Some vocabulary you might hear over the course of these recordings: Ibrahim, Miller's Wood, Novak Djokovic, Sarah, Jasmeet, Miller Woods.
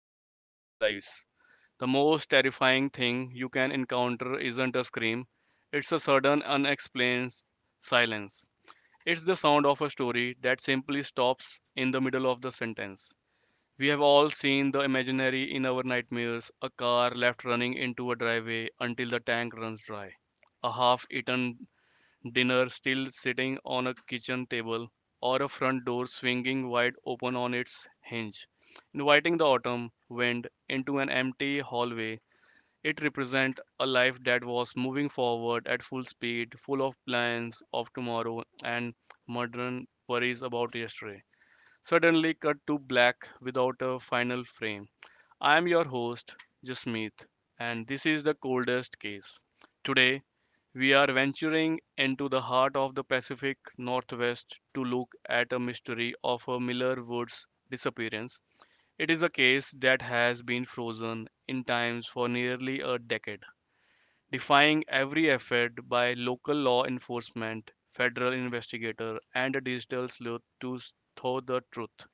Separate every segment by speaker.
Speaker 1: of busy lives, the most terrifying thing you can encounter isn't a scream, it's a sudden, unexplained silence. It's the sound of a story that simply stops in the middle of the sentence. We have all seen the imaginary in our nightmares: a car left running into a driveway until the tank runs dry, a half eaten dinner still sitting on a kitchen table, or a front door swinging wide open on its hinge, inviting the autumn wind into an empty hallway. It represents a life that was moving forward at full speed, full of plans of tomorrow and modern worries about yesterday, suddenly cut to black without a final frame. I am your host, Jasmeet, and this is the coldest case. Today, we are venturing into the heart of the Pacific Northwest to look at a mystery of a Miller Woods disappearance. It is a case that has been frozen in time for nearly a decade, defying every effort by local law enforcement, federal investigator, and a digital sleuth to thaw the truth.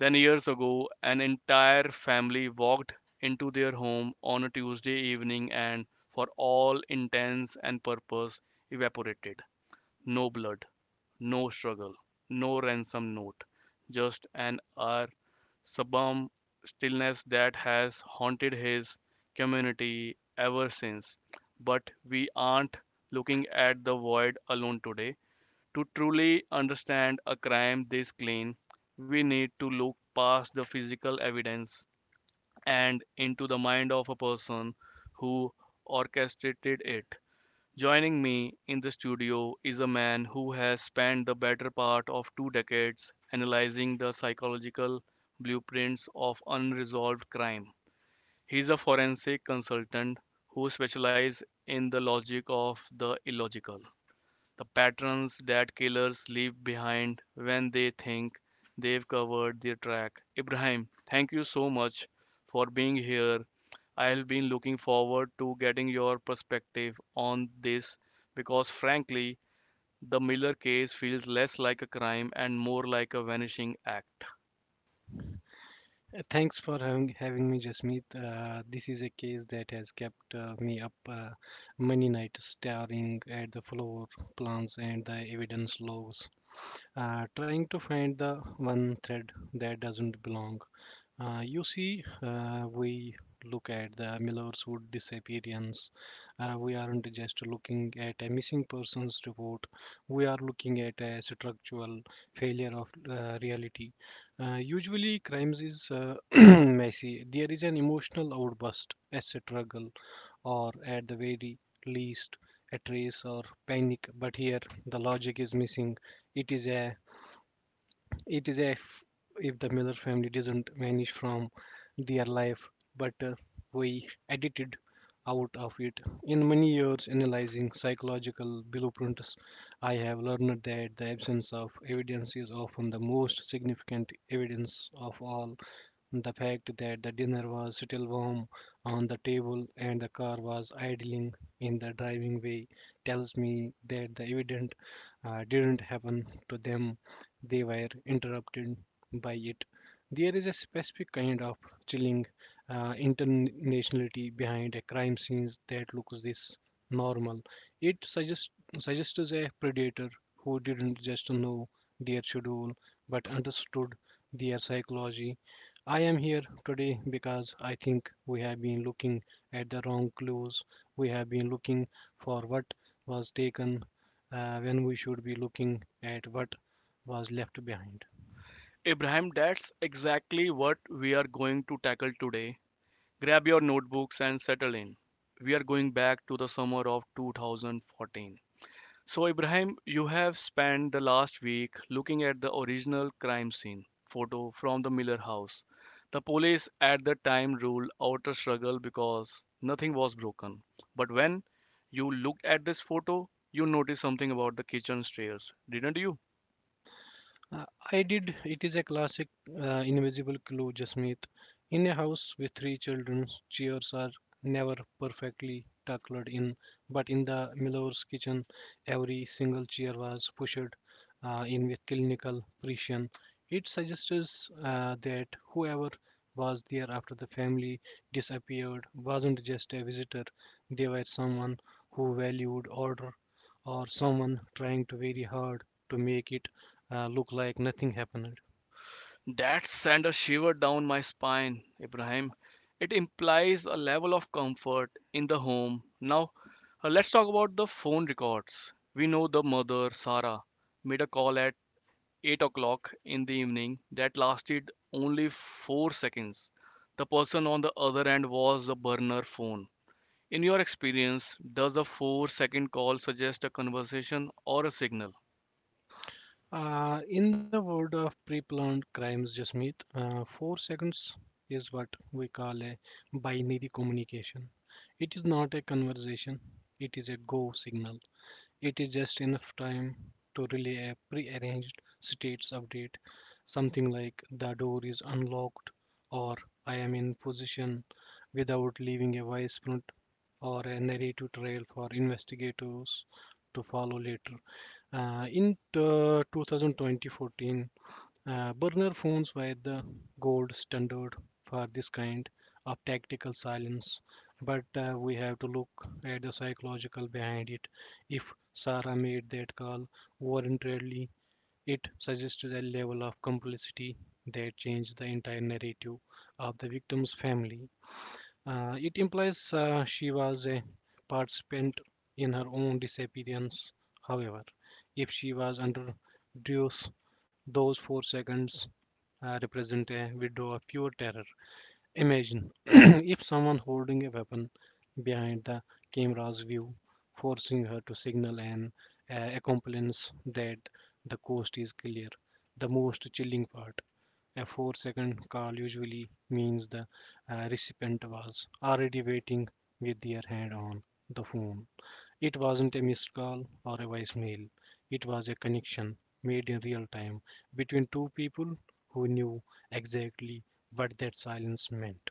Speaker 1: 10 years ago, an entire family walked into their home on a Tuesday evening and, for all intents and purpose, evaporated. No blood, no struggle, no ransom note, just an hour sublime stillness that has haunted his community ever since. But we aren't looking at the void alone today. To truly understand a crime this clean, we need to look past the physical evidence and into the mind of a person who orchestrated it. Joining me in the studio is a man who has spent the better part of 2 decades analyzing the psychological blueprints of unresolved crime. He is a forensic consultant who specializes in the logic of the illogical, the patterns that killers leave behind when they think they've covered their track. Ibrahim, thank you so much for being here. I've been looking forward to getting your perspective on this because, frankly, the Miller case feels less like a crime and more like a vanishing act.
Speaker 2: Thanks for having me, Jasmeet. This is a case that has kept me up many nights staring at the floor plans and the evidence logs, trying to find the one thread that doesn't belong. You see, we look at the Miller's Wood disappearance. We aren't just looking at a missing persons report. We are looking at a structural failure of reality. Usually, crimes is messy. There is an emotional outburst, a struggle, or at the very least, a trace or panic. But here, the logic is missing. It is a it is a f- If the Miller family doesn't vanish from their life, but we edited out of it. In many years analyzing psychological blueprints, I have learned that the absence of evidence is often the most significant evidence of all. The fact that the dinner was still warm on the table and the car was idling in the driving way tells me that the event didn't happen to them. They were interrupted by it. There is a specific kind of chilling internationality behind a crime scene that looks this normal. It suggests suggests a predator who didn't just know their schedule but understood their psychology I am here today because I think we have been looking at the wrong clues. We have been looking for what was taken when we should be looking at what was left behind.
Speaker 1: Ibrahim, that's exactly what we are going to tackle today. Grab your notebooks and settle in. We are going back to the summer of 2014. So, Ibrahim, you have spent the last week looking at the original crime scene photo from the Miller house. The police at the time ruled out a struggle because nothing was broken. But when you looked at this photo, you noticed something about the kitchen stairs, didn't you?
Speaker 2: Uh, I did. It is a classic invisible clue, Jasmeet. In a house with three children, chairs are never perfectly tucked in, but in the Miller's kitchen, every single chair was pushed in with clinical precision. It suggests that whoever was there after the family disappeared wasn't just a visitor, they were someone who valued order or someone trying to very hard to make it look like nothing happened.
Speaker 1: That sent a shiver down my spine, Ibrahim. It implies a level of comfort in the home. Now, let's talk about the phone records. We know the mother, Sarah, made a call at 8 o'clock in the evening that lasted only 4 seconds. The person on the other end was a burner phone. In your experience, does a 4-second call suggest a conversation or a signal?
Speaker 2: In the world of pre-planned crimes, Jasmeet, 4 seconds is what we call a binary communication. It is not a conversation, it is a go signal. It is just enough time to relay a pre-arranged states update, something like the door is unlocked or I am in position without leaving a voice print or a narrative trail for investigators to follow later. In 2014, burner phones were the gold standard for this kind of tactical silence. But we have to look at the psychological behind it. If Sarah made that call voluntarily, it suggested a level of complicity that changed the entire narrative of the victim's family. It implies she was a participant in her own disappearance. However, if she was under duress, those 4 seconds represent a window of pure terror. Imagine if someone holding a weapon behind the camera's view, forcing her to signal an accomplice that the coast is clear. The most chilling part, a four-second call usually means the recipient was already waiting with their hand on the phone. It wasn't a missed call or a voicemail. It was a connection made in real time between two people who knew exactly what that silence meant.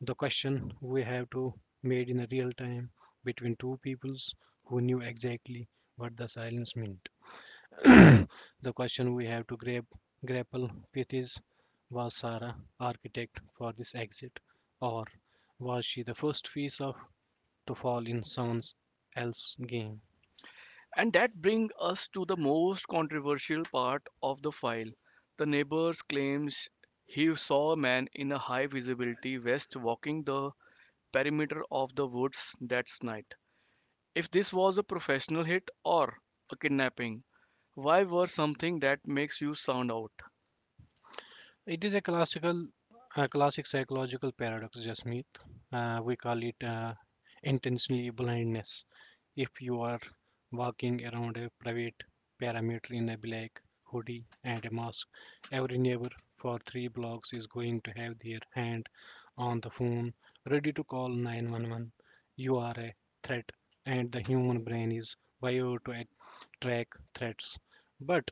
Speaker 2: The question we have to made in real time between two peoples who knew exactly what the silence meant. The question we have to grapple with is, was Sarah architect for this exit, or was she the first piece of to fall in someone else's game?
Speaker 1: And that brings us to the most controversial part of the file. The neighbor claims he saw a man in a high visibility vest walking the perimeter of the woods that night. If this was a professional hit or a kidnapping, why were something that makes you sound out?
Speaker 2: It is a classic psychological paradox, Jasmeet. We call it intentionally blindness. If you are walking around a private perimeter in a black hoodie and a mask, every neighbor for three blocks is going to have their hand on the phone, ready to call 911. You are a threat, and the human brain is wired to track threats. But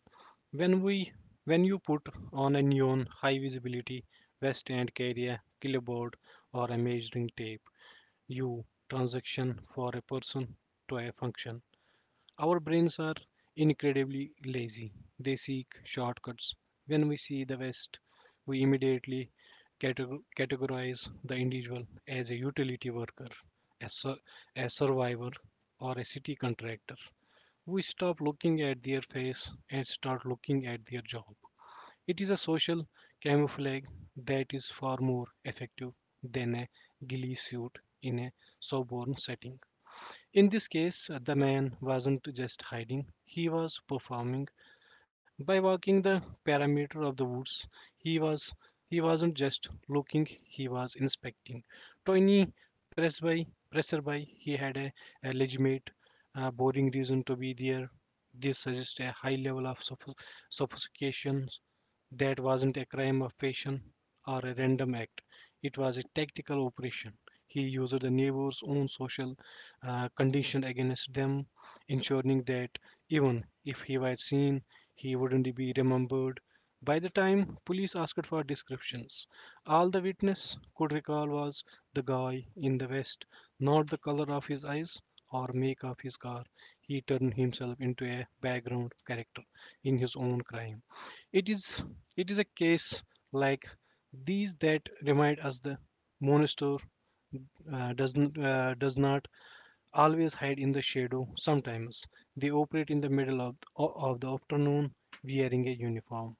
Speaker 2: when we when you put on a neon high visibility vest and carry a clipboard or a measuring tape, you transition for a person to a function. Our brains are incredibly lazy. They seek shortcuts. When we see the vest, we immediately categorize the individual as a utility worker, a, sur- a survivor, or a city contractor. We stop looking at their face and start looking at their job. It is a social camouflage that is far more effective than a ghillie suit in a soborn setting. In this case, the man wasn't just hiding, he was performing. By walking the perimeter of the woods, he was he wasn't just looking, he was inspecting. Tony Presby Presserby, he had a legitimate, boring reason to be there. This suggests a high level of sophistication. That wasn't a crime of passion or a random act. It was a tactical operation. He used the neighbors' own social condition against them, ensuring that even if he was seen he wouldn't be remembered. By the time police asked for descriptions, all the witness could recall was the guy in the vest, not the color of his eyes or make of his car. He turned himself into a background character in his own crime. It is it is a case like these that remind us the monster does not always hide in the shadow sometimes. They operate in the middle of the afternoon wearing a uniform.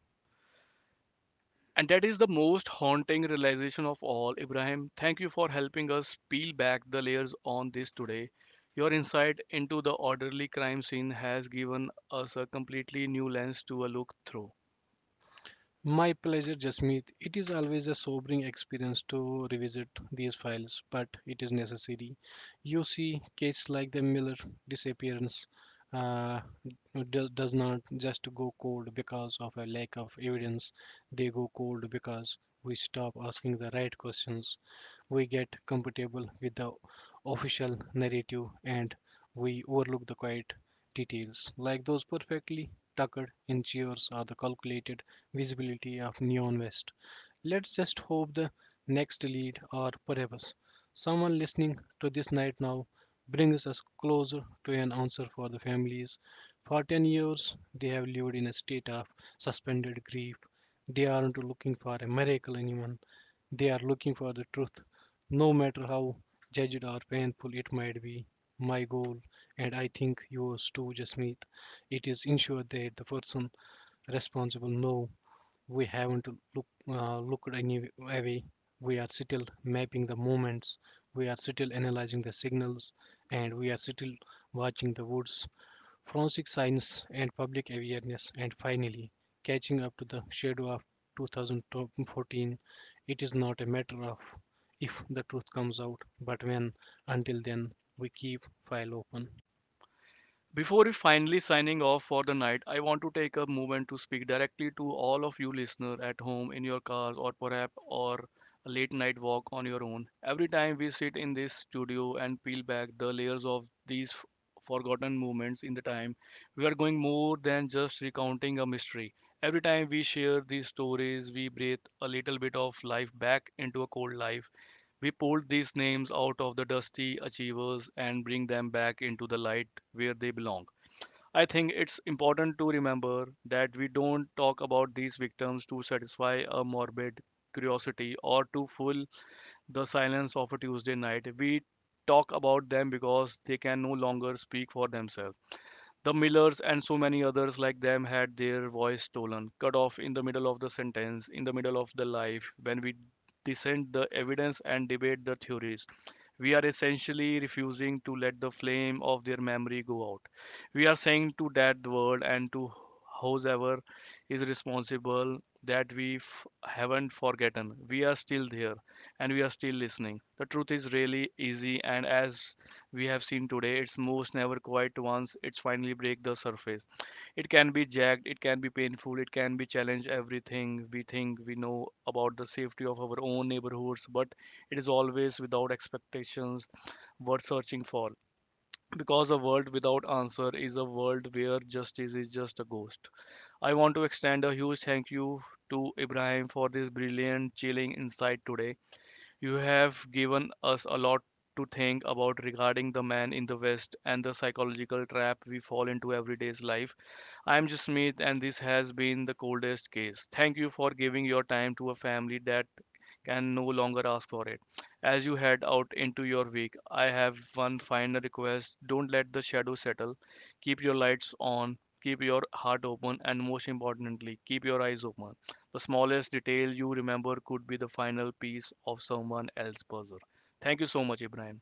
Speaker 1: And that is the most haunting realization of all. Ibrahim, thank you for helping us peel back the layers on this today. Your insight into the orderly crime scene has given us a completely new lens to a look through.
Speaker 2: My pleasure, Jasmeet. It is always a sobering experience to revisit these files, but it is necessary. You see, cases like the Miller disappearance uh, does not just go cold because of a lack of evidence. They go cold because we stop asking the right questions. We get comfortable with the official narrative and we overlook the quiet details, like those perfectly tucked in chairs or the calculated visibility of neon vest. Let's just hope the next lead, or perhaps someone listening to this night now, brings us closer to an answer for the families. For 10 years, they have lived in a state of suspended grief. They aren't looking for a miracle, anyone. They are looking for the truth, no matter how judged or painful it might be. My goal, and I think yours too, Jasmeet. It is ensured that the person responsible, no, we haven't looked any away. We are still mapping the movements. We are still analyzing the signals, and we are still watching the woods, forensic science, and public awareness. And finally, catching up to the shadow of 2014. It is not a matter of if the truth comes out, but when. Until then, we keep file open.
Speaker 1: Before we finally signing off for the night, I want to take a moment to speak directly to all of you listeners at home, in your cars, or perhaps or a late night walk on your own. Every time we sit in this studio and peel back the layers of these forgotten moments in the time, we are going more than just recounting a mystery. Every time we share these stories, we breathe a little bit of life back into a cold life. We pull these names out of the dusty achievers and bring them back into the light where they belong. I think it's important to remember that we don't talk about these victims to satisfy a morbid curiosity or to fill the silence of a Tuesday night. We talk about them because they can no longer speak for themselves. The Millers and so many others like them had their voice stolen, cut off in the middle of the sentence, in the middle of the life. When we dissent the evidence and debate the theories, we are essentially refusing to let the flame of their memory go out. We are saying to that world and to whoever is responsible that we haven't forgotten. We are still there and we are still listening. The truth is really easy, and as we have seen today, it's moves never quiet once it's finally break the surface. It can be jagged, it can be painful, it can be challenge everything we think we know about the safety of our own neighborhoods, but it is always, without expectations, worth searching for. Because a world without answer is a world where justice is just a ghost. I want to extend a huge thank you to Ibrahim for this brilliant, chilling insight today. You have given us a lot to think about regarding the man in the West and the psychological trap we fall into everyday's life. I am Jasmeet, and this has been the coldest case. Thank you for giving your time to a family that can no longer ask for it. As you head out into your week, I have one final request. Don't let the shadow settle. Keep your lights on, keep your heart open, and most importantly, keep your eyes open. The smallest detail you remember could be the final piece of someone else's puzzle. Thank you so much, Ibrahim.